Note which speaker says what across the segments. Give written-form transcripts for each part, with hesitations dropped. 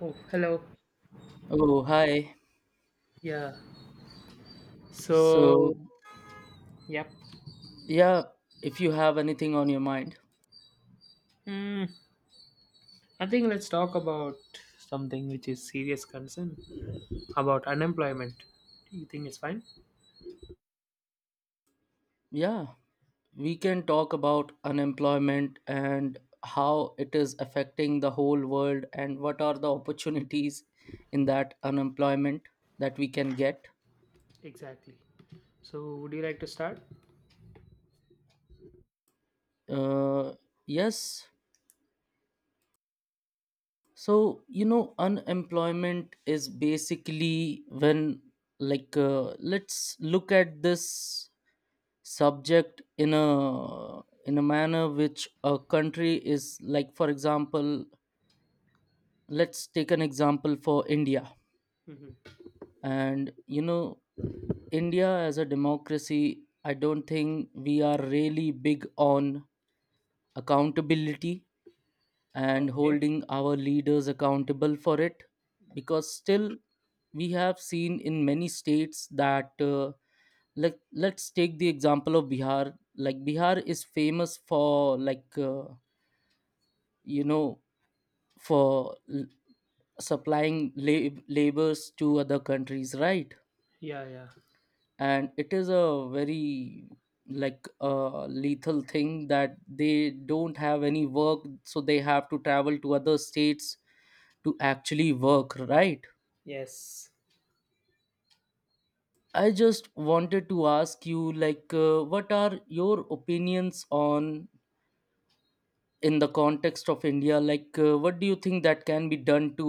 Speaker 1: Oh, hello.
Speaker 2: Oh, hi.
Speaker 1: Yeah. So,
Speaker 2: So,
Speaker 1: yep.
Speaker 2: yeah, if you have anything on your mind,
Speaker 1: Mm, I think let's talk about something which is serious concern about unemployment. You think it's fine?
Speaker 2: yeah, we can talk about unemployment and how it is affecting the whole world and what are the opportunities in that unemployment that we can get.
Speaker 1: Exactly. So, would you like to start?
Speaker 2: Uh, yes. So, unemployment is basically when, let's look at this subject in a manner which a country is like. For example, let's take an example for India.
Speaker 1: Hmm.
Speaker 2: And you know, India as a democracy, I don't think we are really big on accountability and
Speaker 1: Okay.
Speaker 2: holding our leaders accountable for it, because still we have seen in many states that let's take the example of Bihar. Like Bihar is famous for like you know for l- supplying labors to other countries, right?
Speaker 1: Yeah, yeah.
Speaker 2: And it is a very like lethal thing that they don't have any work, so they have to travel to other states to actually work, right?
Speaker 1: Yes.
Speaker 2: I just wanted to ask you like what are your opinions on, in the context of India, like what do you think that can be done to,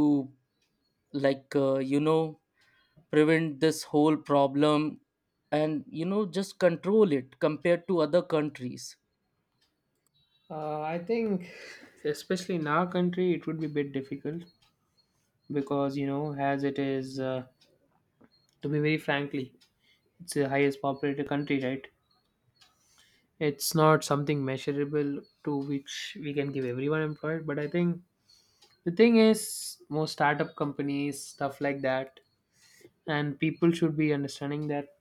Speaker 2: like prevent this whole problem and you know just control it compared to other countries.
Speaker 1: I think, especially in our country, it would be a bit difficult because, you know, as it is, to be very frankly, it's the highest populated country, right? It's not something measurable to which we can give everyone employed, but I think the thing is most startup companies stuff like that, and people should be understanding that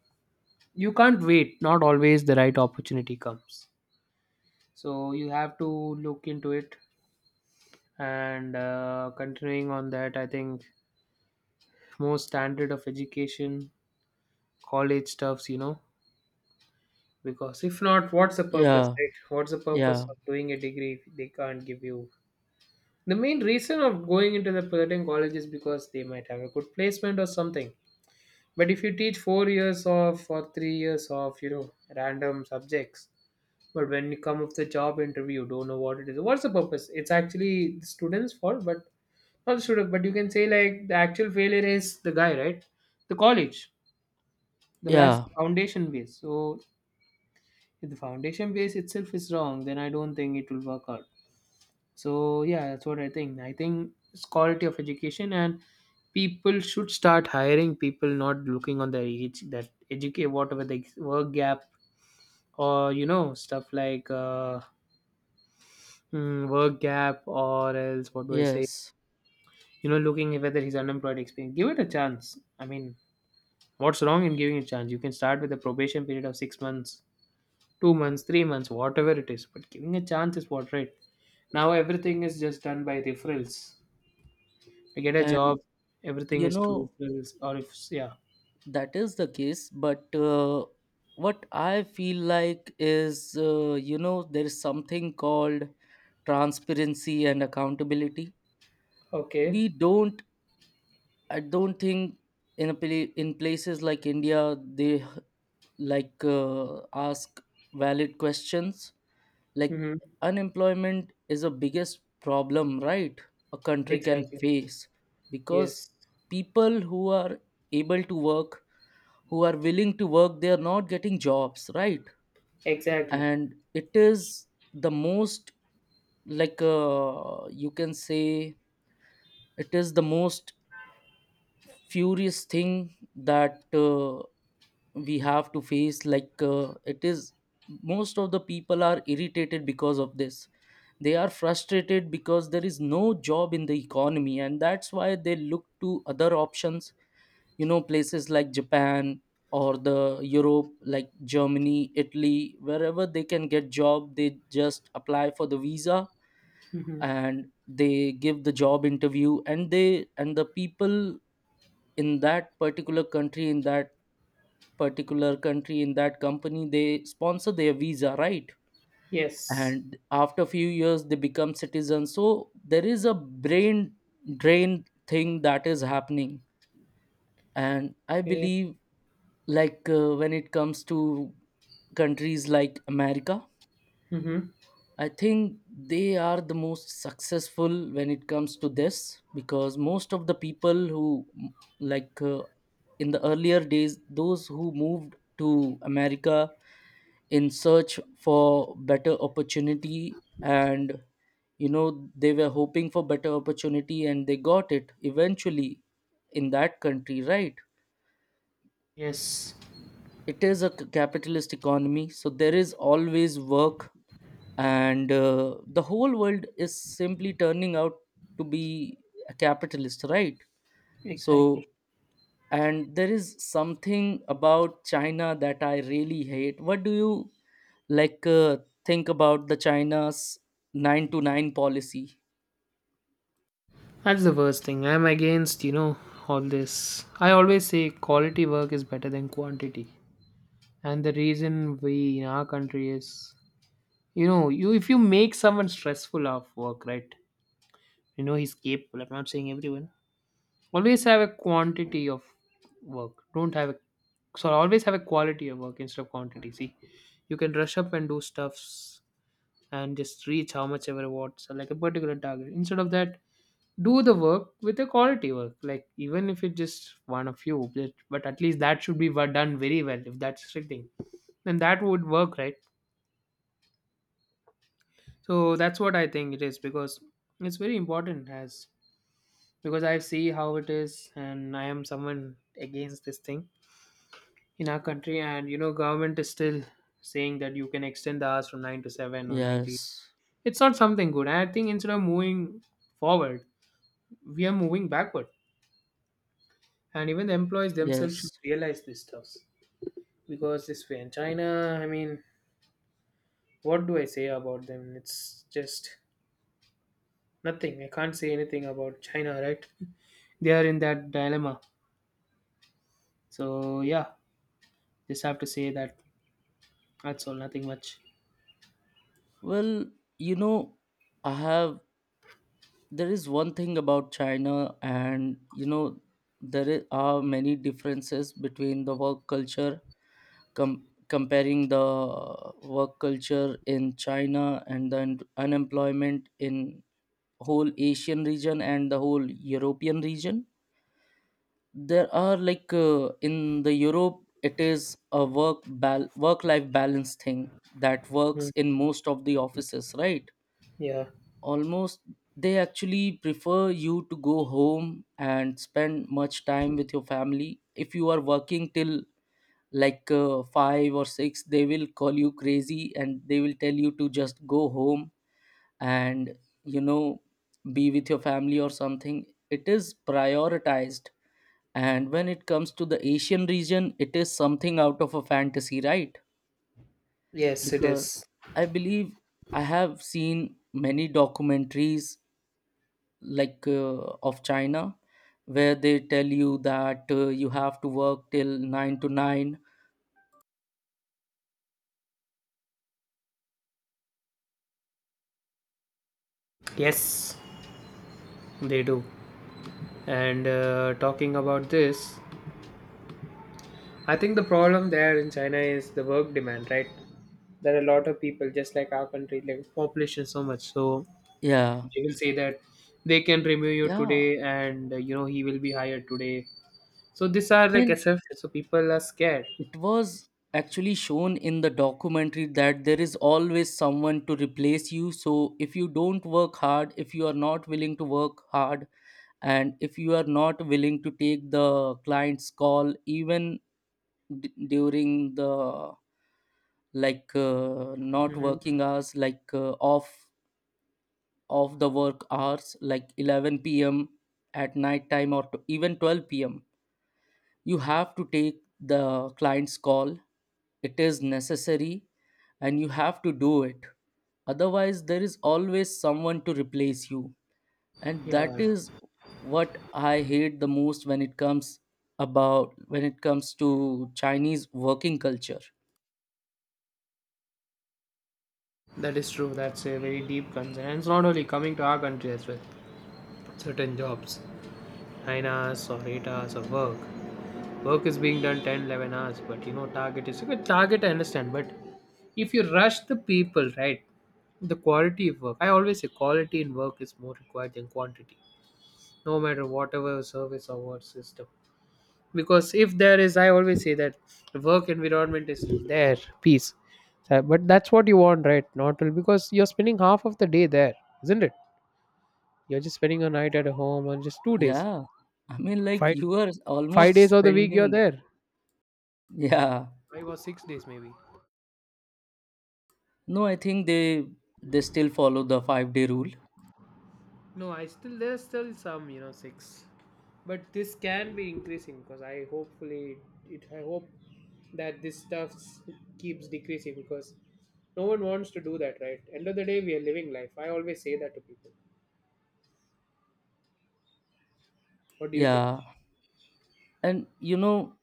Speaker 1: you can't wait, not always the right opportunity comes, so you have to look into it. And continuing on that, I think more standard of education, college stuffs, you know, because if not, what's the purpose,
Speaker 2: Yeah,
Speaker 1: right? What's the purpose
Speaker 2: yeah,
Speaker 1: of doing a degree if they can't give you? The main reason of going into the certain college is because they might have a good placement or something. But if you teach 4 years of or 3 years of, you know, random subjects, but when you come up the job interview, don't know what it is. What's the purpose? It's actually the students' fault, but not the student. But you can say like the actual failure is the guy, right? The college. That's
Speaker 2: yeah,
Speaker 1: the foundation base. So if the foundation base itself is wrong, then I don't think it will work out. So yeah, that's what I think. I think it's quality of education, and people should start hiring people, not looking on their age, that educate whatever the work gap, or you know stuff like work gap or else what do I say?
Speaker 2: yes.
Speaker 1: You know, looking whether he's unemployed experience, give it a chance. I mean, what's wrong in giving a chance? You can start with a probation period of 6 months, 2 months, 3 months, whatever it is, but giving a chance is what, right? Now everything is just done by referrals. I get a job,
Speaker 2: And
Speaker 1: everything
Speaker 2: you
Speaker 1: is to,
Speaker 2: know,
Speaker 1: or if yeah.
Speaker 2: that is the case, but what I feel like is you know, there is something called transparency and accountability.
Speaker 1: Okay.
Speaker 2: We don't I don't think in in places like India they, like ask valid questions, like,
Speaker 1: Mm-hmm.
Speaker 2: unemployment is the biggest problem, right, a country can
Speaker 1: Exactly.
Speaker 2: face, because
Speaker 1: Yes.
Speaker 2: people who are able to work, who are willing to work, they are not getting jobs, right?
Speaker 1: Exactly.
Speaker 2: And it is the most like you can say, it is the most furious thing that we have to face. Like it is, most of the people are irritated because of this, they are frustrated because there is no job in the economy, and that's why they look to other options. You know, places like Japan or the Europe, like Germany, Italy, wherever they can get job, they just apply for the visa,
Speaker 1: Mm-hmm.
Speaker 2: and they give the job interview, and the people in that particular country, in that particular country, in that company, they sponsor their visa, right?
Speaker 1: Yes.
Speaker 2: And after a few years they become citizens, so there is a brain drain thing that is happening. And I
Speaker 1: Yeah.
Speaker 2: believe, like when it comes to countries like America,
Speaker 1: Mm-hmm.
Speaker 2: I think they are the most successful when it comes to this, because most of the people who, like uh, in the earlier days, those who moved to America in search for better opportunity, and you know they were hoping for better opportunity and they got it eventually in that country, right?
Speaker 1: Yes.
Speaker 2: It is a capitalist economy, so there is always work. And the whole world is simply turning out to be a capitalist, right? So,
Speaker 1: Exactly.
Speaker 2: and there is something about China that I really hate. What do you, like think about the China's 9 to 9 policy?
Speaker 1: That's the worst thing. I'm against, you know, all this. I always say quality work is better than quantity. And the reason we in our country is, you know, you if you make someone stressful of work, right? You know, he's capable. I'm not saying everyone. Always have a quantity of work. Don't have a, so always have a quality of work instead of quantity. See, you can rush up and do stuffs and just reach how much ever what's like a particular target. Instead of that, do the work with a quality work. Like even if it's just one of you, but at least that should be done very well. If that's restricting, then that would work, right? So that's what I think it is, because it's very important as because I see how it is, and I am someone against this thing in our country, and you know government is still saying that you can extend the hours from 9 to 7 or 90.
Speaker 2: Yes,
Speaker 1: It's not something good. I think instead of moving forward, we are moving backward, and even the employees themselves should
Speaker 2: yes.
Speaker 1: realize this stuff. Because this way in China, I mean, what do I say about them? It's just nothing. I can't say anything about China, right? They are in that dilemma. So yeah, just have to say that. That's all, nothing much.
Speaker 2: Well, you know, I have there is one thing about China, and you know, are many differences between the work culture, comparing the work culture in China and the unemployment in whole Asian region and the whole European region. There are, like in the Europe, it is a work life balance thing that
Speaker 1: Mhm.
Speaker 2: works in most of the offices, right?
Speaker 1: Yeah.
Speaker 2: Almost, they actually prefer you to go home and spend much time with your family. If you are working till like 5 or 6, they will call you crazy and they will tell you to just go home and you know be with your family or something. It is prioritized. And when it comes to the Asian region, it is something out of a fantasy, right?
Speaker 1: Yes, it
Speaker 2: Because
Speaker 1: is.
Speaker 2: I believe, I have seen many documentaries, like of China, where they tell you that you have to work till nine to nine.
Speaker 1: Yes, they do. And talking about this, I think the problem there in China is the work demand, right? There are a lot of people, just like our country, like population is so much. So
Speaker 2: Yeah,
Speaker 1: they will say that they can remove you
Speaker 2: yeah.
Speaker 1: today, and you know he will be hired today. So these are
Speaker 2: I
Speaker 1: like
Speaker 2: mean,
Speaker 1: assumptions. So people are scared.
Speaker 2: it was actually shown in the documentary that there is always someone to replace you. So if you don't work hard, if you are not willing to work hard, and if you are not willing to take the client's call, even during the, like not
Speaker 1: Hmm.
Speaker 2: working hours, like off of the work hours, like 11 p.m. at night time, or even 12 p.m., you have to take the client's call. It is necessary and you have to do it. Otherwise, there is always someone to replace you. And
Speaker 1: Yeah,
Speaker 2: that is what I hate the most when it comes about, when it comes to Chinese working culture.
Speaker 1: that is true. That's a very deep concern. And it's not only coming to our country as well. Certain jobs, 9 hours or 8 hours of work. Work is being done 10, 11 hours, but you know, target is a good target, I understand. But if you rush the people, right, the quality of work, I always say quality in work is more required than quantity, no matter whatever service or what system. Because if there is, I always say that the work environment is there, peace. But that's what you want, right? Not to, because you're spending half of the day there, isn't it? You're just spending a night at home and just 2 days,
Speaker 2: Yeah. I mean, like
Speaker 1: five
Speaker 2: you are
Speaker 1: five
Speaker 2: almost
Speaker 1: days of the week you're
Speaker 2: spending,
Speaker 1: there,
Speaker 2: yeah.
Speaker 1: 5 or 6 days maybe.
Speaker 2: No, I think they still follow the 5 day rule.
Speaker 1: No, I still there's still some you know six, but this can be increasing because I hopefully it I hope that this keeps decreasing because no one wants to do that, right? End of the day, we are living life. I always say that to people. What do you think?
Speaker 2: Yeah, and you know,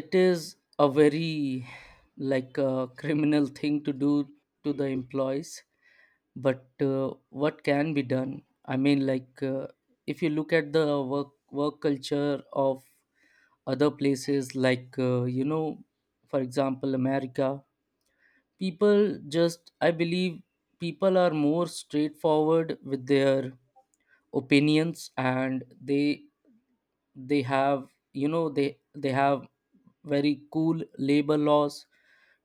Speaker 2: it is a very like a criminal thing to do to the employees. But what can be done? I mean, like if you look at the work culture of other places, like you know, for example, America, people just, I believe people are more straightforward with their opinions, and they have you know they have very cool labor laws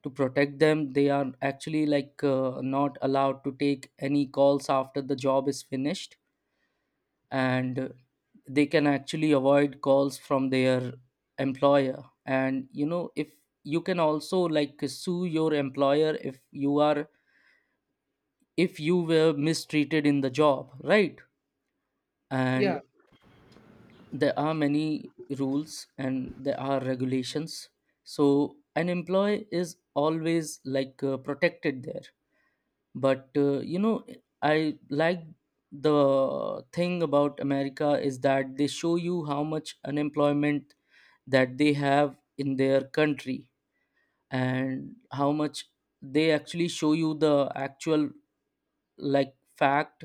Speaker 2: to protect them. They are actually like not allowed to take any calls after the job is finished. And they can actually avoid calls from their employer, and you know, if you can also like sue your employer if you are, if you were mistreated in the job, right? And
Speaker 1: Yeah.
Speaker 2: there are many rules and there are regulations, so an employee is always like protected there. But you know, I like the thing about America is that they show you how much unemployment that they have in their country, and how much, they actually show you the actual like fact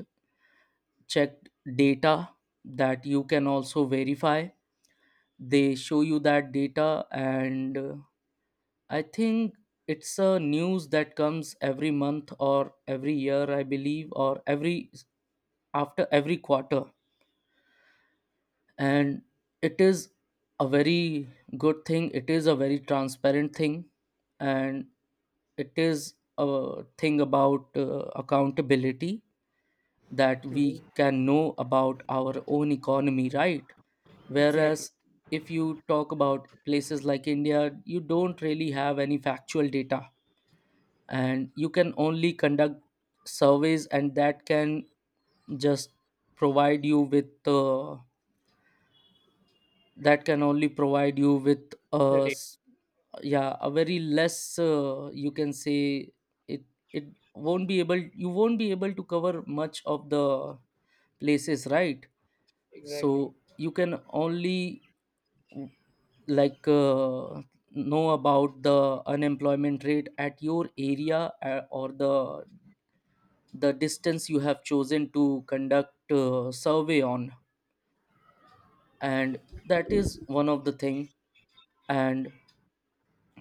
Speaker 2: checked data that you can also verify. They show you that data, and I think it's a news that comes every month or every year, I believe, or every, after every quarter. And it is a very good thing, it is a very transparent thing, and it is a thing about accountability, that
Speaker 1: Hmm.
Speaker 2: we can know about our own economy, right?
Speaker 1: Exactly.
Speaker 2: Whereas if you talk about places like India, you don't really have any factual data, and you can only conduct surveys, and that can just provide you with the, that can only provide you with a
Speaker 1: The day,
Speaker 2: yeah, a very less you can say, it it won't be able, you won't be able to cover much of the places, right? So
Speaker 1: exactly.
Speaker 2: you can only w- like know about the unemployment rate at your area, or the distance you have chosen to conduct survey on. And that is one of the thing. And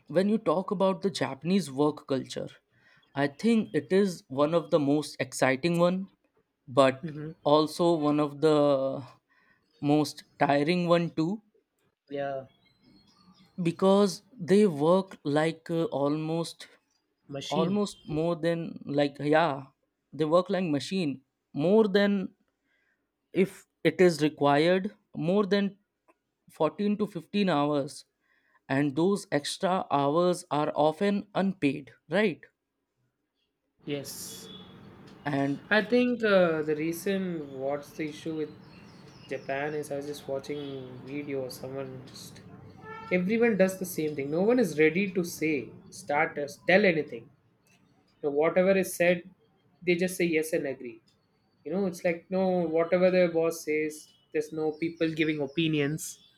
Speaker 2: when you talk about the Japanese work culture, I think it is one of the most exciting one, but
Speaker 1: Hmm.
Speaker 2: also one of the most tiring one too,
Speaker 1: Yeah.
Speaker 2: because they work like almost,
Speaker 1: Machine.
Speaker 2: almost more than like, yeah, they work like machine, more than, if it is required, more than 14 to 15 hours, and those extra hours are often unpaid, right?
Speaker 1: Yes,
Speaker 2: And
Speaker 1: I think the reason what's the issue with Japan is I was just watching video. Someone just everyone does the same thing, no one is ready to say start us tell anything, you know, whatever is said they just say yes and agree. You know, it's like no, whatever the boss says, there's no people giving opinions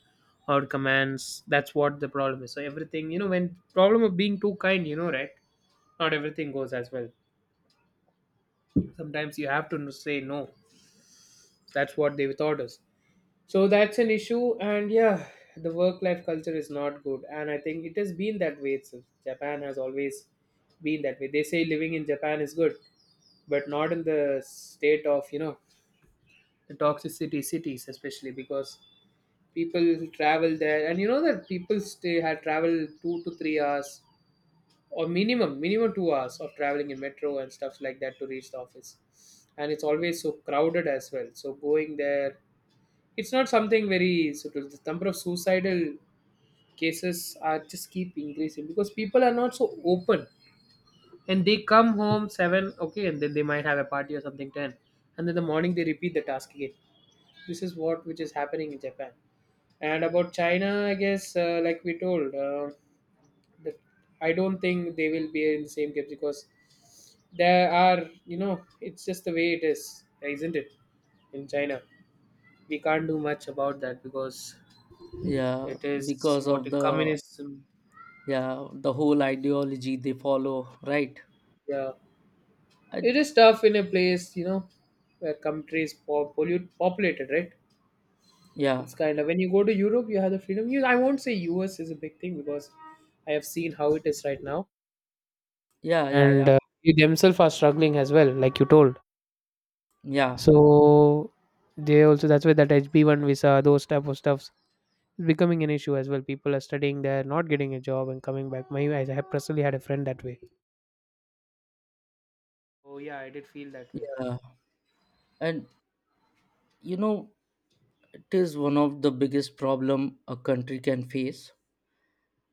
Speaker 1: or commands. That's what the problem is. So everything, you know, when problem of being too kind, you know, right, not everything goes as well. Sometimes you have to say no. That's what they thought us. So that's an issue, and yeah, the work life culture is not good, and I think it has been that way itself. Japan has always been that way. They say living in Japan is good, but not in the state of, you know, the toxicity cities, especially because people travel there, and you know that people stay had travel 2 to 3 hours or minimum 2 hours of traveling in metro and stuff like that to reach the office, and it's always so crowded as well. So going there it's not something very subtle. The number of suicidal cases are just keep increasing because people are not so open, and they come home seven, okay, and then they might have a party or something ten, and then the morning they repeat the task again. This is what which is happening in Japan. And about China, I guess, like we told, that I don't think they will be in the same case because there are, it's just the way it is, isn't it? In China, we can't do much about that, because
Speaker 2: yeah,
Speaker 1: it is
Speaker 2: because
Speaker 1: what the
Speaker 2: of the,
Speaker 1: communism.
Speaker 2: yeah, the whole ideology they follow, right?
Speaker 1: Yeah,
Speaker 2: I,
Speaker 1: it is tough in a place, you know, where countries po- pollute populated, right?
Speaker 2: yeah,
Speaker 1: It's kind of when you go to Europe, you have the freedom. You, I won't say U.S. is a big thing because I have seen how it is right now,
Speaker 2: yeah, yeah,
Speaker 1: and
Speaker 2: yeah,
Speaker 1: they themselves are struggling as well, like you told.
Speaker 2: yeah,
Speaker 1: So they also that's why that HB1 visa, those type of stuffs is becoming an issue as well. People are studying there, not getting a job, and coming back. My I have personally had a friend that way. Oh yeah, I did feel that way.
Speaker 2: yeah. And you know, it is one of the biggest problem a country can face.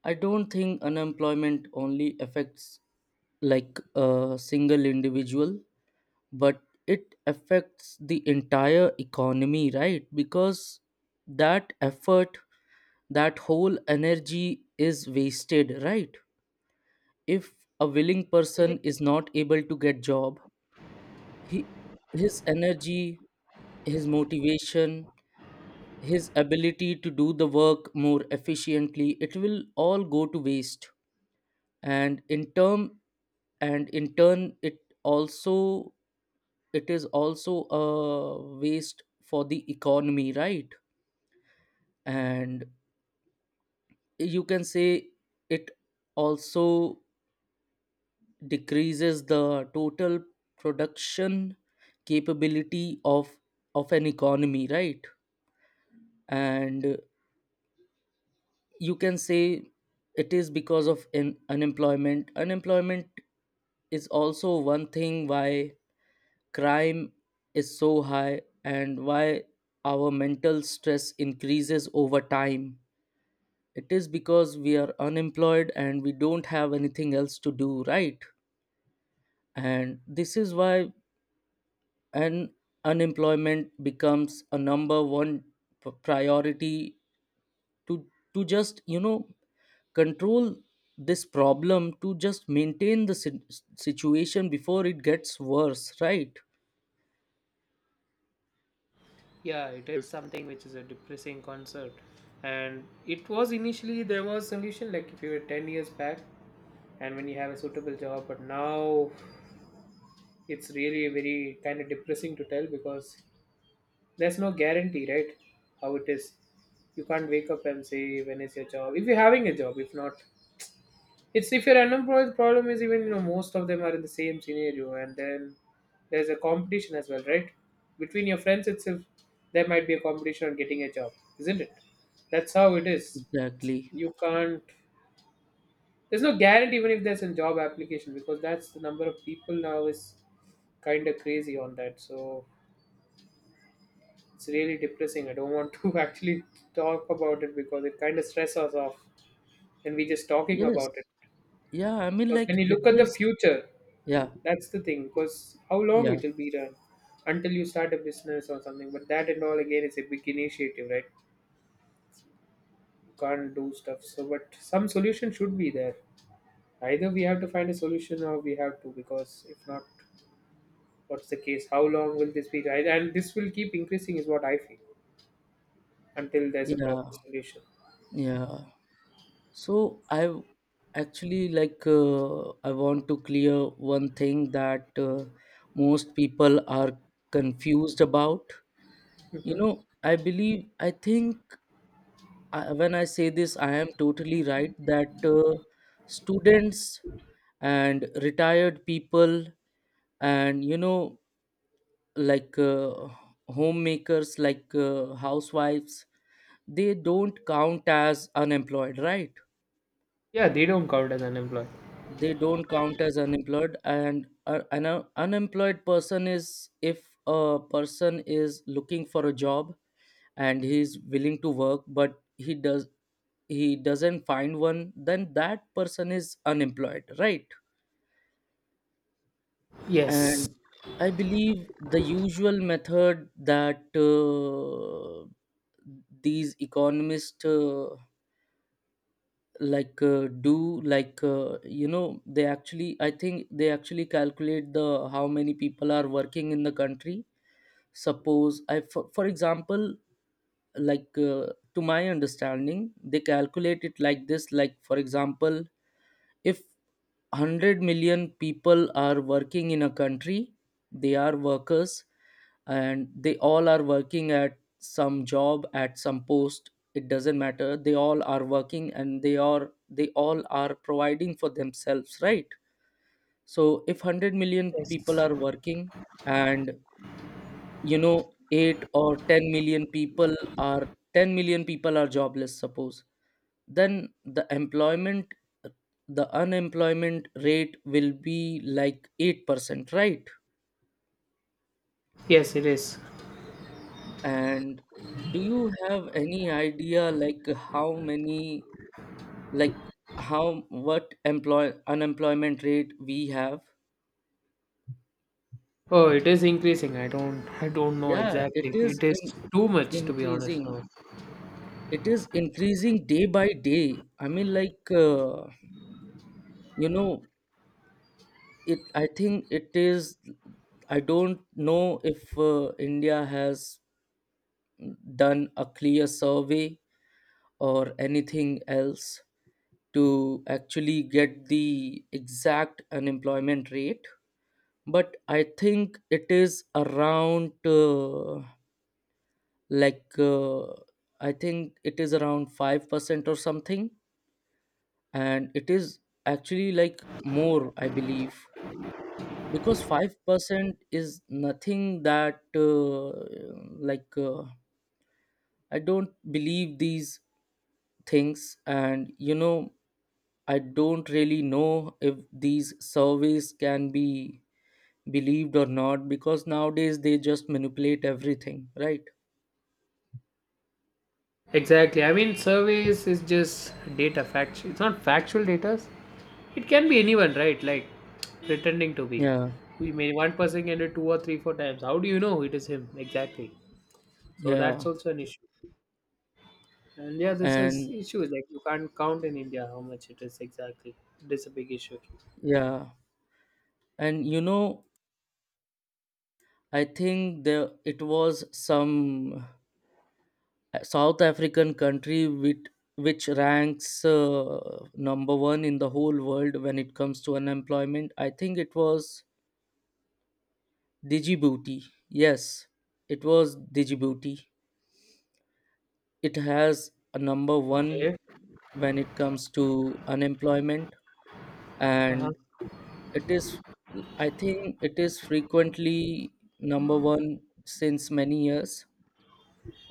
Speaker 2: I don't think unemployment only affects like a single individual, but it affects the entire economy, right? Because that effort, that whole energy is wasted, right? If a willing
Speaker 1: It
Speaker 2: person is not able to get job, he, his energy, his motivation, his ability to do the work more efficiently, it will all go to waste. And in term, and in turn, it also, it is also a waste for the economy, right? And you can say it also decreases the total production capability of an economy, right? And you can say it is because of, in unemployment unemployment is also one thing why crime is so high, and why our mental stress increases over time. It is because we are unemployed and we don't have anything else to do, right? And this is why, and unemployment becomes a number one priority to to just you know control this problem, to just maintain the situation before it gets worse, right?
Speaker 1: Yeah, it is something which is a depressing concert. And it was initially there was solution like if you were 10 years back, and when you have a suitable job, but now it's really very kind of depressing to tell because there's no guarantee, right? How it is. You can't wake up and say when is your job. If you're having a job, if not, it's if you're unemployed, the problem is even you know most of them are in the same scenario, and then there's a competition as well, right? Between your friends itself, there might be a competition on getting a job, isn't it? That's how it is.
Speaker 2: Exactly,
Speaker 1: You can't. There's no guarantee even if there's a job application because that's the number of people now is kind of crazy on that. So it's really depressing. I don't want to actually talk about it because it kind of stresses us off. And we just talking
Speaker 2: yes,
Speaker 1: about it.
Speaker 2: yeah. I mean,
Speaker 1: Because when
Speaker 2: like
Speaker 1: you
Speaker 2: it
Speaker 1: look at the
Speaker 2: is,
Speaker 1: future,
Speaker 2: yeah,
Speaker 1: that's the thing, because how long
Speaker 2: yeah,
Speaker 1: it will be done until you start a business or something. But that and all again is a big initiative, right? You can't do stuff. So, but some solution should be there. Either we have to find a solution or we have to, because if not, what's the case? How long will this be? Right? And this will keep increasing, is what I feel, until there's a
Speaker 2: yeah,
Speaker 1: proper solution.
Speaker 2: yeah. So actually, like I want to clear one thing that most people are confused about. You know,
Speaker 1: Hmm.
Speaker 2: I believe I think I, when I say this, I am totally right that students and retired people and like uh, homemakers, housewives, they don't count as unemployed, right?
Speaker 1: Yeah, they don't count as unemployed.
Speaker 2: They don't count as unemployed, and an unemployed person is, if a person is looking for a job and he's willing to work, but he doesn't find one, then that person is unemployed, right?
Speaker 1: Yes.
Speaker 2: And I believe the usual method that these economists do, they actually I think they actually calculate the how many people are working in the country. Suppose, for example, like uh, to my understanding, they calculate it like this. Like, for example, if 100 million people are working in a country, they are workers, and they all are working at some job, at some post. It doesn't matter, they all are working, and they all are providing for themselves, right? So if 100 million people
Speaker 1: Yes.
Speaker 2: are working, and, you know, 8 or 10 million people are 10 million people are jobless, suppose, then the unemployment rate will be like 8%, right?
Speaker 1: Yes, it is.
Speaker 2: And do you have any idea, like how many like how what employ unemployment rate we have?
Speaker 1: Oh, it is increasing. I don't. I don't know
Speaker 2: Yeah,
Speaker 1: exactly. It is too much, to be honest.
Speaker 2: increasing
Speaker 1: Now.
Speaker 2: it is increasing day by day. I mean, like you know it I think it is, I don't know if India has done a clear survey or anything else to actually get the exact unemployment rate. But like uh, I think it is around 5% or something. And it is actually, like, more, I believe, because 5% is nothing. That like I don't believe these things. And, you know, I don't really know if these surveys can be believed or not, because nowadays they just manipulate everything, right?
Speaker 1: Exactly. I mean, surveys is just data fact. It's not factual data. It can be anyone, right? Like pretending to be.
Speaker 2: Yeah,
Speaker 1: We may one person can do two or three, four times. How do you know it is him exactly? So that's
Speaker 2: yeah.
Speaker 1: also an issue. And yeah, this is
Speaker 2: And,
Speaker 1: issue. Like you can't count in India how much it is exactly. It is a big issue.
Speaker 2: yeah, and, you know, I think there, it was some a South African country with which ranks number one in the whole world when it comes to unemployment. I think it was Djibouti. Yes, it was Djibouti. It has a number one
Speaker 1: Okay.
Speaker 2: when it comes to unemployment,
Speaker 1: Uh-huh.
Speaker 2: and it is, I think it is frequently number one since many years,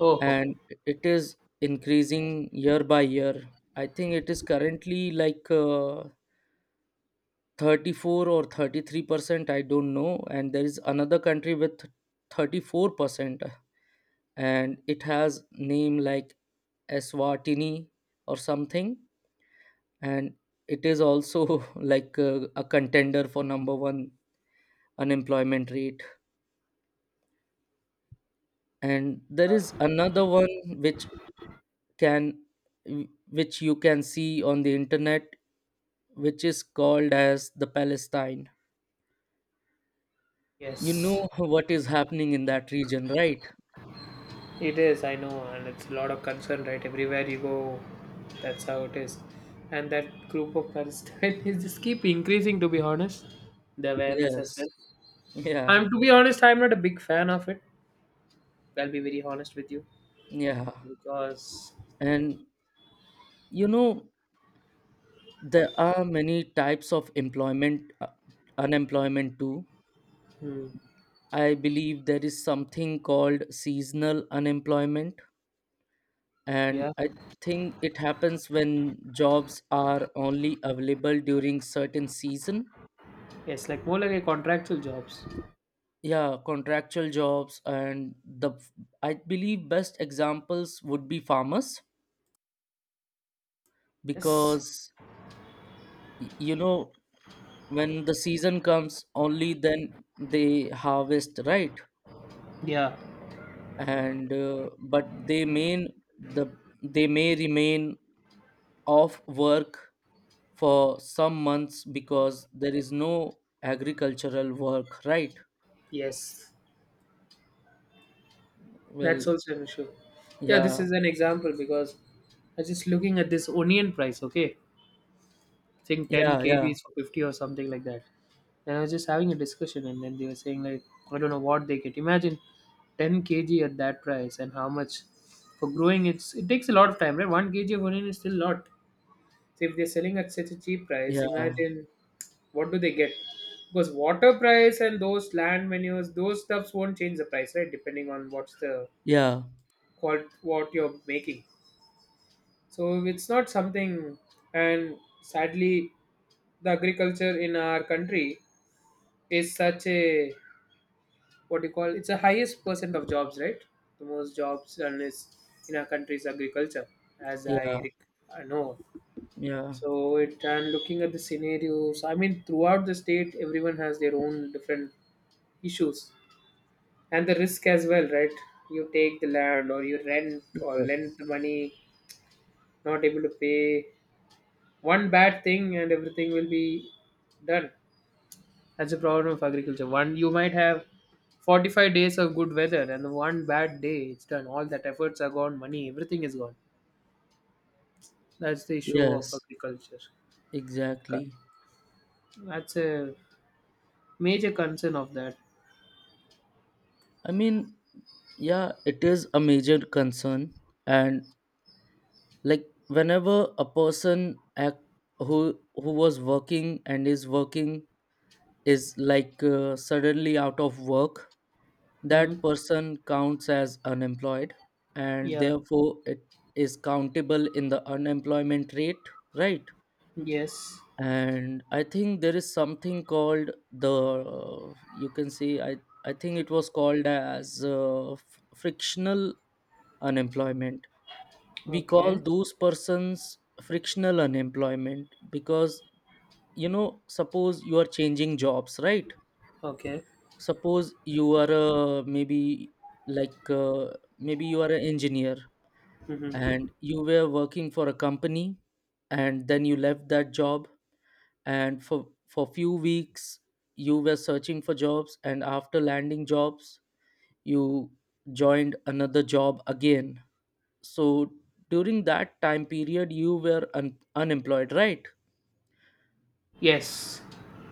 Speaker 1: Oh.
Speaker 2: and it is increasing year by year. I think it is currently 34 or 33%, I don't know. And there is another country with 34%, and it has name like Eswatini or something, and it is also a contender for number one unemployment rate. And there
Speaker 1: Oh.
Speaker 2: is another one can which you can see on the internet, which is called as the Palestine. You
Speaker 1: Yes.
Speaker 2: know what is happening in that region, right?
Speaker 1: It is, I know, and it's a lot of concern, right? Everywhere you go, that's how it is. And that group of concern is just keep increasing, to be honest, the awareness as well.
Speaker 2: Yes. Yeah,
Speaker 1: I'm to be honest, I'm not a big fan of it. I'll be very honest with you
Speaker 2: yeah.
Speaker 1: because,
Speaker 2: And, you know, there are many types of employment unemployment too.
Speaker 1: hmm,
Speaker 2: I believe there is something called seasonal unemployment,
Speaker 1: yeah,
Speaker 2: and I think it happens when jobs are only available during certain season.
Speaker 1: yes, like more like a contractual jobs.
Speaker 2: Yeah, contractual jobs. And the I believe best examples would be farmers,
Speaker 1: Yes,
Speaker 2: because you know, when the season comes, only then they harvest, right?
Speaker 1: yeah,
Speaker 2: And but they mean the they may remain off work for some months, because there is no agricultural work, right?
Speaker 1: yes, that's
Speaker 2: Well.
Speaker 1: also an issue. Yeah, this
Speaker 2: Yeah,
Speaker 1: is an example because I was just looking at this onion price, okay? I think 10
Speaker 2: yeah, yeah,
Speaker 1: kgs for 50 or something like that. And I was just having a discussion, and then they were saying, like, I don't know what they get. Imagine 10 kg at that price and how much for growing it takes a lot of time, right? 1 kg of onion is still a lot. So if they're selling at such a cheap price,
Speaker 2: yeah,
Speaker 1: imagine what do they get, because water price and those land menus, those stuffs won't change the price, right? Depending on what's the
Speaker 2: yeah,
Speaker 1: what you're making. So it's not something, and sadly, the agriculture in our country is such a, what do you call, it's the highest percent of jobs, right? The most jobs and is in our country is agriculture, as
Speaker 2: yeah,
Speaker 1: I, rec- I know.
Speaker 2: yeah,
Speaker 1: So it and looking at the scenarios, I mean, throughout the state, everyone has their own different issues and the risk as well, right? You take the land or you rent or
Speaker 2: yeah,
Speaker 1: lend the money, not able to pay. One bad thing and everything will be done. That's a problem of agriculture. One you might have 45 days of good weather and the one bad day it's done. All that efforts are gone, money, everything is gone. That's the issue of
Speaker 2: yes,
Speaker 1: agriculture.
Speaker 2: exactly.
Speaker 1: That's a major concern of that.
Speaker 2: I mean, yeah, it is a major concern, and, like, whenever a person, act who was working, and is working, is suddenly out of work, that
Speaker 1: Hmm.
Speaker 2: person counts as unemployed, and
Speaker 1: Yeah.
Speaker 2: therefore it is countable in the unemployment rate, right?
Speaker 1: Yes.
Speaker 2: And I think there is something called the you can see, I think it was called as frictional unemployment. We call
Speaker 1: Okay.
Speaker 2: those persons frictional unemployment because, you know, suppose you are changing jobs, right?
Speaker 1: Okay.
Speaker 2: Suppose you are maybe you are an engineer,
Speaker 1: Hmm.
Speaker 2: and you were working for a company, and then you left that job, and for few weeks you were searching for jobs, and after landing jobs, you joined another job again. So during that time period you were unemployed, right?
Speaker 1: Yes.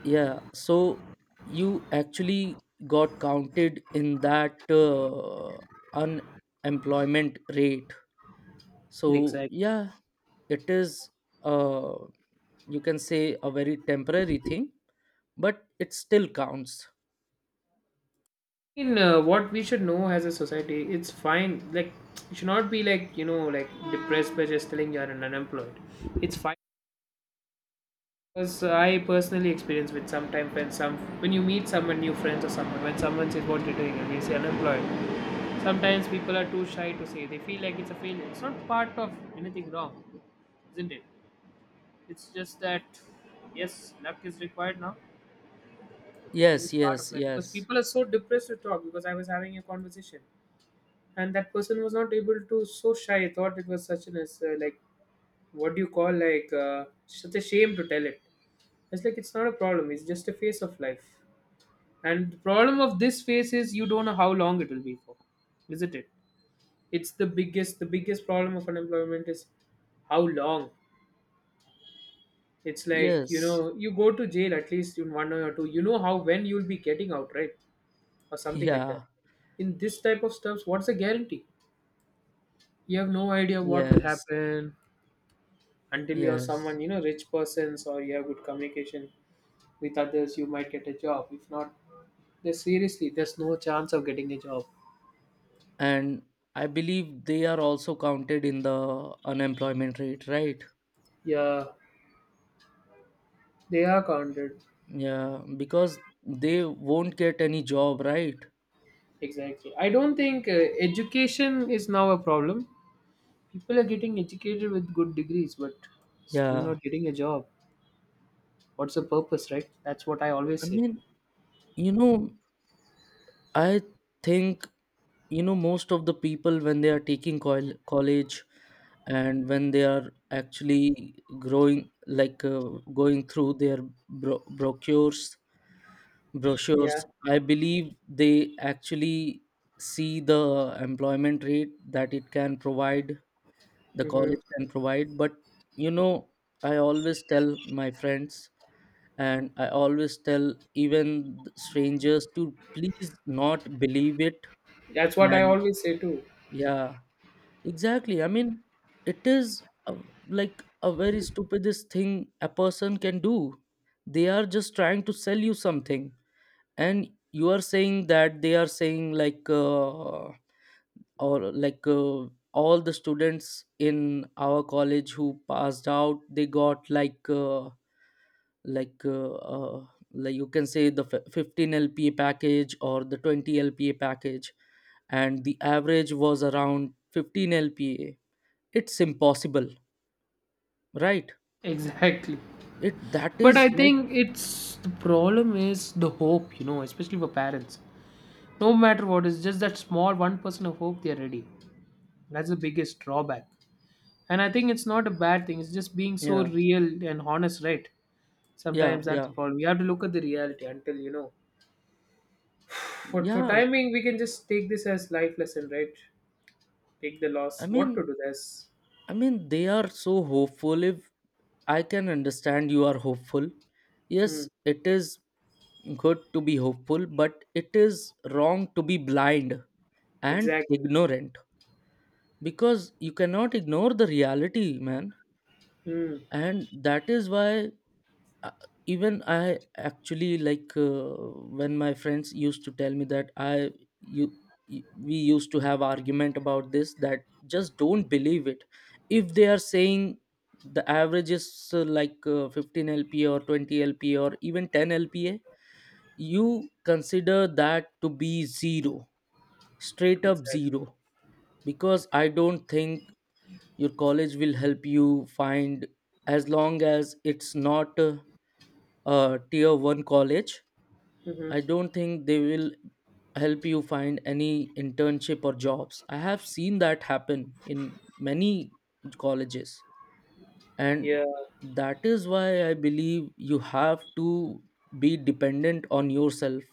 Speaker 2: Yeah, so you actually got counted in that unemployment rate. So,
Speaker 1: Exactly.
Speaker 2: yeah, it is, uh, you can say, a very temporary thing, but it still counts.
Speaker 1: In what we should know as a society, it's fine. Like, you should not be like, like depressed by just telling you're an unemployed. It's fine. Because I personally experience with sometimes when you meet someone new friends or someone, when someone says what you're doing and they say unemployed. Sometimes people are too shy to say, they feel like it's a failure. It's not part of anything wrong, isn't it? It's just that, yes, luck is required now. This is
Speaker 2: Yes,
Speaker 1: part of
Speaker 2: yes,
Speaker 1: life because
Speaker 2: yes,
Speaker 1: people are so depressed to talk. Because I was having a conversation and that person was not able to, so shy. I thought it was such an as, like, what do you call, like, such a shame to tell it. It's like, it's not a problem, it's just a phase of life. And the problem of this phase is you don't know how long it will be for, isn't it? It's the biggest problem of unemployment is how long. It's like, you
Speaker 2: yes,
Speaker 1: know, you go to jail, at least in one or two, you know how when you'll be getting out, right? Or something like that.
Speaker 2: yeah,
Speaker 1: In this type of stuffs, what's the guarantee? You have no idea what will
Speaker 2: yes,
Speaker 1: happen until you're
Speaker 2: yes.
Speaker 1: someone, rich persons, or you have good communication with others, you might get a job. If not, there's seriously there's no chance of getting a job.
Speaker 2: And I believe they are also counted in the unemployment rate, right?
Speaker 1: Yeah, they are counted.
Speaker 2: Yeah, because they won't get any job, right?
Speaker 1: Exactly. I don't think education is now a problem. People are getting educated with good degrees but still
Speaker 2: Yeah,
Speaker 1: not getting a job. What's the purpose, right? That's what I always
Speaker 2: I
Speaker 1: say.
Speaker 2: mean, you know, I think, you know, most of the people, when they are taking college, and when they are actually growing, like going through their bro brochures,
Speaker 1: Yeah.
Speaker 2: brochures, I believe they actually see the employment rate that it can provide, the
Speaker 1: Hmm.
Speaker 2: college can provide. But, you know, I always tell my friends, and I always tell even strangers, to please not believe it.
Speaker 1: That's what I
Speaker 2: And,
Speaker 1: always say too.
Speaker 2: yeah, exactly, I mean, it is like a very stupidest thing a person can do. They are just trying to sell you something, and you are saying that they are saying, like or like all the students in our college who passed out, they got, like uh, uh, like, you can say, the 15 LPA package or the 20 LPA package, and the average was around 15 LPA. It's impossible, right?
Speaker 1: Exactly.
Speaker 2: it That
Speaker 1: But I
Speaker 2: is like,
Speaker 1: think it's the problem is the hope, you know, especially for parents. No matter what, it's just that small 1% of hope they're ready. That's the biggest drawback. And I think it's not a bad thing, it's just being so
Speaker 2: yeah,
Speaker 1: real and honest, right?
Speaker 2: yeah,
Speaker 1: Sometimes that's the
Speaker 2: yeah,
Speaker 1: problem, we have to look at the reality until you know. For
Speaker 2: yeah.
Speaker 1: timing, we can just take this as life lesson, right? Take the loss.
Speaker 2: i
Speaker 1: What
Speaker 2: mean
Speaker 1: to do this.
Speaker 2: I mean, they are so hopeful. If I can understand, you are hopeful. Yes,
Speaker 1: Hmm.
Speaker 2: it is good to be hopeful, but it is wrong to be blind and
Speaker 1: Exactly.
Speaker 2: ignorant, because you cannot ignore the reality, man.
Speaker 1: Hmm.
Speaker 2: And that is why, uh, even I actually, when my friends used to tell me, that you we used to have argument about this, that, just don't believe it. If they are saying the average is 15 LPA or 20 LPA or even 10 LPA, you consider that to be zero, straight up
Speaker 1: Exactly.
Speaker 2: zero. Because I don't think your college will help you find, as long as it's not a tier 1 college.
Speaker 1: Hmm.
Speaker 2: I don't think they will help you find any internship or jobs. I have seen that happen in many colleges, and
Speaker 1: Yeah.
Speaker 2: that is why I believe you have to be dependent on yourself.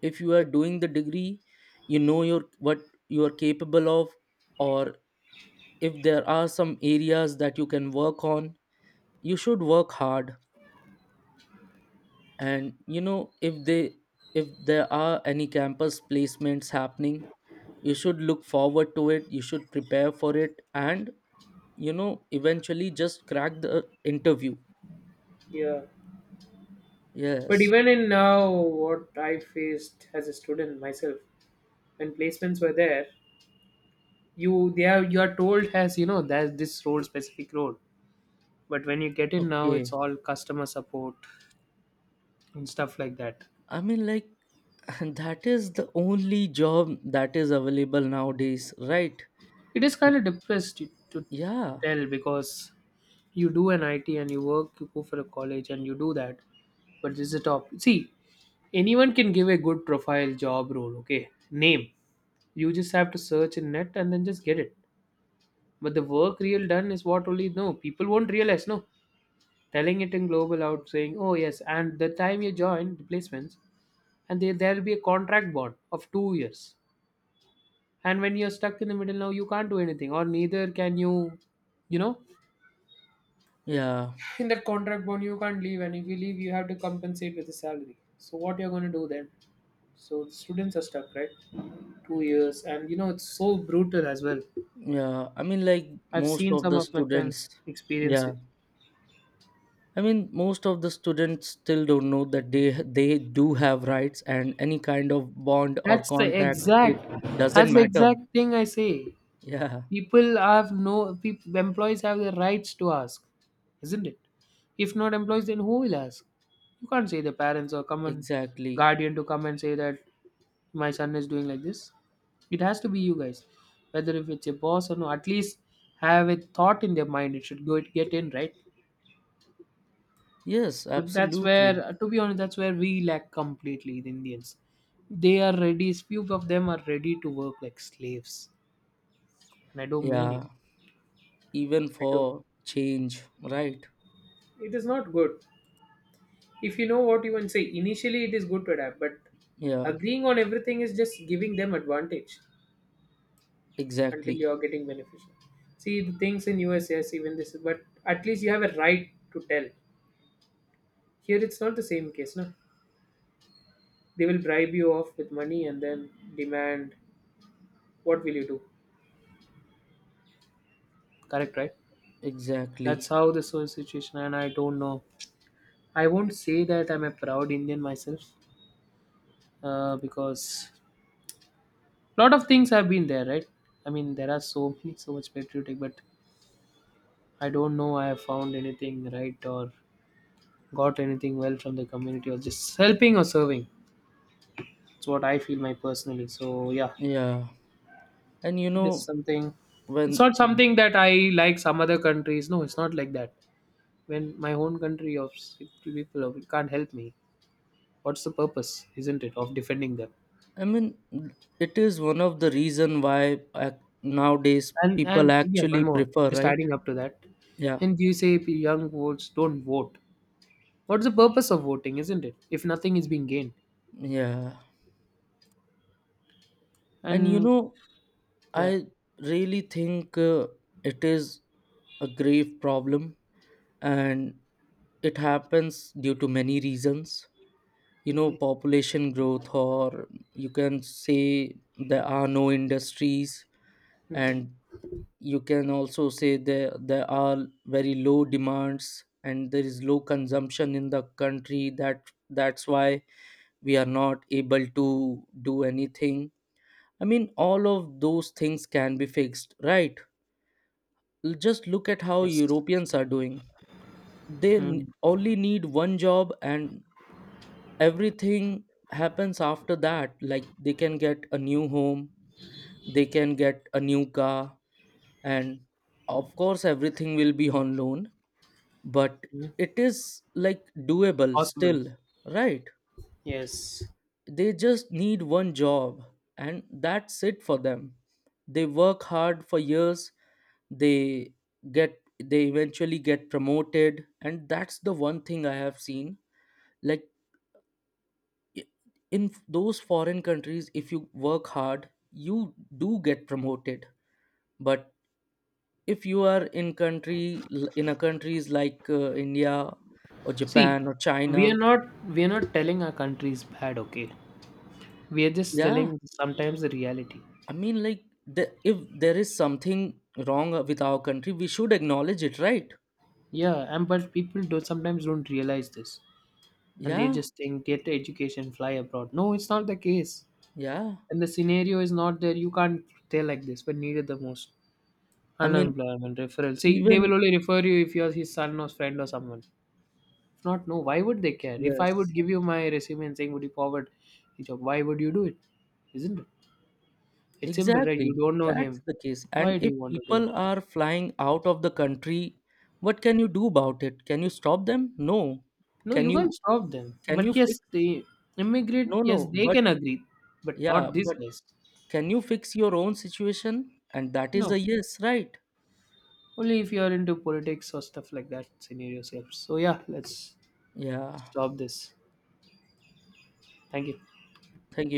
Speaker 2: If you are doing the degree, you know your what you are capable of, or if there are some areas that you can work on, you should work hard. And, you know, if there are any campus placements happening, you should look forward to it, you should prepare for it, and, you know, eventually just crack the interview.
Speaker 1: Yeah. But
Speaker 2: Yes,
Speaker 1: even in now, what I faced as a student myself, when placements were there, you are told as, you know, there's this role, specific role, but when you get in now
Speaker 2: okay,
Speaker 1: it's all customer support and stuff like that.
Speaker 2: I mean, like, that is the only job that is available nowadays, right?
Speaker 1: It is kind of depressed to
Speaker 2: Yeah,
Speaker 1: tell because you do an it, and you work, you go for a college and you do that. But this is the top, see. Anyone can give a good profile job role, okay, name. You just have to search in net and then just get it. But the work real done is what only. No, people won't realize. No, telling it in global out saying, oh yes. And the time you join the placements, and there will be a contract bond of 2 years. And when you're stuck in the middle now, you can't do anything, or neither can you, you know,
Speaker 2: yeah,
Speaker 1: in that contract bond you can't leave, and if you leave, you have to compensate with a salary. So what you're going to do then? So students are stuck, right? 2 years, and you know it's so brutal as well.
Speaker 2: yeah. I mean, like,
Speaker 1: I've
Speaker 2: most
Speaker 1: seen
Speaker 2: of
Speaker 1: some
Speaker 2: the
Speaker 1: of my
Speaker 2: students,
Speaker 1: friends experience
Speaker 2: yeah,
Speaker 1: it.
Speaker 2: I mean, most of the students still don't know that they do have rights, and any kind of bond or
Speaker 1: That's the
Speaker 2: contract, it
Speaker 1: exact,
Speaker 2: doesn't
Speaker 1: that's the
Speaker 2: matter.
Speaker 1: exact thing I say.
Speaker 2: Yeah,
Speaker 1: People have no, peop employees have the rights to ask, isn't it? If not employees then who will ask? You can't say the parents or come and
Speaker 2: exactly.
Speaker 1: guardian to come and say that my son is doing like this. It has to be you guys, whether if it's a boss or no, at least have a thought in their mind it should go get in, right?
Speaker 2: Yes,
Speaker 1: But that's
Speaker 2: absolutely.
Speaker 1: where, to be honest, that's where we lack completely, the Indians. They are ready, few of them are ready to work like slaves. And I don't mean it,
Speaker 2: Yeah, even
Speaker 1: I don't
Speaker 2: for change, right?
Speaker 1: it is not good. If you know what you want to say initially, it is good to adapt, but
Speaker 2: Yeah,
Speaker 1: agreeing on everything is just giving them advantage until you
Speaker 2: exactly,
Speaker 1: are getting beneficial. See, the things in us, yes, even this, but at least you have a right to tell. Here it's not the same case, no. They will bribe you off with money and then demand. What will you do? Correct, right? That's
Speaker 2: exactly.
Speaker 1: how this whole situation. And I don't know, I won't say that I'm a proud Indian myself, because lot of things have been there, right? I mean, there are so many, so much patriotic, but I don't know I have found anything right or got anything well from the community, or just helping or serving. It's what I feel my personally. So yeah,
Speaker 2: Yeah, and, you
Speaker 1: it is
Speaker 2: know,
Speaker 1: something, it's
Speaker 2: when,
Speaker 1: not something that I like some other countries. No, it's not like that. When my own country people can't help me, what's the purpose, isn't it, of defending them?
Speaker 2: I mean, it is one of the reason why nowadays
Speaker 1: And
Speaker 2: people
Speaker 1: and yeah, one
Speaker 2: actually
Speaker 1: more.
Speaker 2: prefer,
Speaker 1: Just
Speaker 2: right?
Speaker 1: adding up to that.
Speaker 2: Yeah,
Speaker 1: And you say if young votes don't vote. What's the purpose of voting, isn't it? If nothing is being gained.
Speaker 2: yeah. And, you
Speaker 1: And
Speaker 2: know,
Speaker 1: yeah.
Speaker 2: I really think, it is a grave problem, and it happens due to many reasons. You know, population growth, or you can say there are no industries, and you can also say there are very low demands, and there is low consumption in the country, that's why we are not able to do anything. I mean, all of those things can be fixed, right? Just look at how
Speaker 1: Yes.
Speaker 2: Europeans are doing. They
Speaker 1: Mhm.
Speaker 2: only need one job, and everything happens after that. Like, they can get a new home, they can get a new car, and of course, everything will be on loan, but it is, like, doable
Speaker 1: Possible.
Speaker 2: still, right?
Speaker 1: Yes.
Speaker 2: They just need one job, and that's it for them. They work hard for years, they they eventually get promoted, and that's the one thing I have seen. Like, i- in those foreign countries, if you work hard, you do get promoted. But if you are in a countries like India or
Speaker 1: See,
Speaker 2: Japan or China.
Speaker 1: we are not we are not telling our country is bad, okay? We are just
Speaker 2: Yeah,
Speaker 1: telling sometimes the reality.
Speaker 2: I mean, like, if there is something wrong with our country, we should acknowledge it, right?
Speaker 1: Yeah, and but people don't sometimes don't realize this, and they
Speaker 2: Yeah,
Speaker 1: just think get education, fly abroad. No, it's not the case,
Speaker 2: yeah.
Speaker 1: and the scenario is not there. You can't stay like this, but needed the most
Speaker 2: I mean,
Speaker 1: unemployment referral. See, they
Speaker 2: even,
Speaker 1: will only refer you if you're his son or friend or someone. If not, no. Why would they care? If I would
Speaker 2: yes,
Speaker 1: give you my resume and saying, would you forward the job? Why would you do it? Isn't it? It's simple, right? You
Speaker 2: exactly,
Speaker 1: don't know
Speaker 2: that's
Speaker 1: him.
Speaker 2: the case.
Speaker 1: Why
Speaker 2: And
Speaker 1: do
Speaker 2: if
Speaker 1: you want to do
Speaker 2: people
Speaker 1: it?
Speaker 2: are flying out of the country, what can you do about it? Can you stop them? No.
Speaker 1: No,
Speaker 2: Can
Speaker 1: you can't
Speaker 2: you
Speaker 1: stop them.
Speaker 2: can you
Speaker 1: But yes,
Speaker 2: fix?
Speaker 1: they immigrate,
Speaker 2: No,
Speaker 1: yes,
Speaker 2: no.
Speaker 1: they
Speaker 2: But,
Speaker 1: can agree, but
Speaker 2: yeah,
Speaker 1: not these
Speaker 2: but
Speaker 1: guys.
Speaker 2: can you fix your own situation? And that is
Speaker 1: No.
Speaker 2: a yes, right?
Speaker 1: Only if you are into politics or stuff like that scenarios helps. So yeah, let's
Speaker 2: Yeah.
Speaker 1: stop this. Thank you.
Speaker 2: Thank you.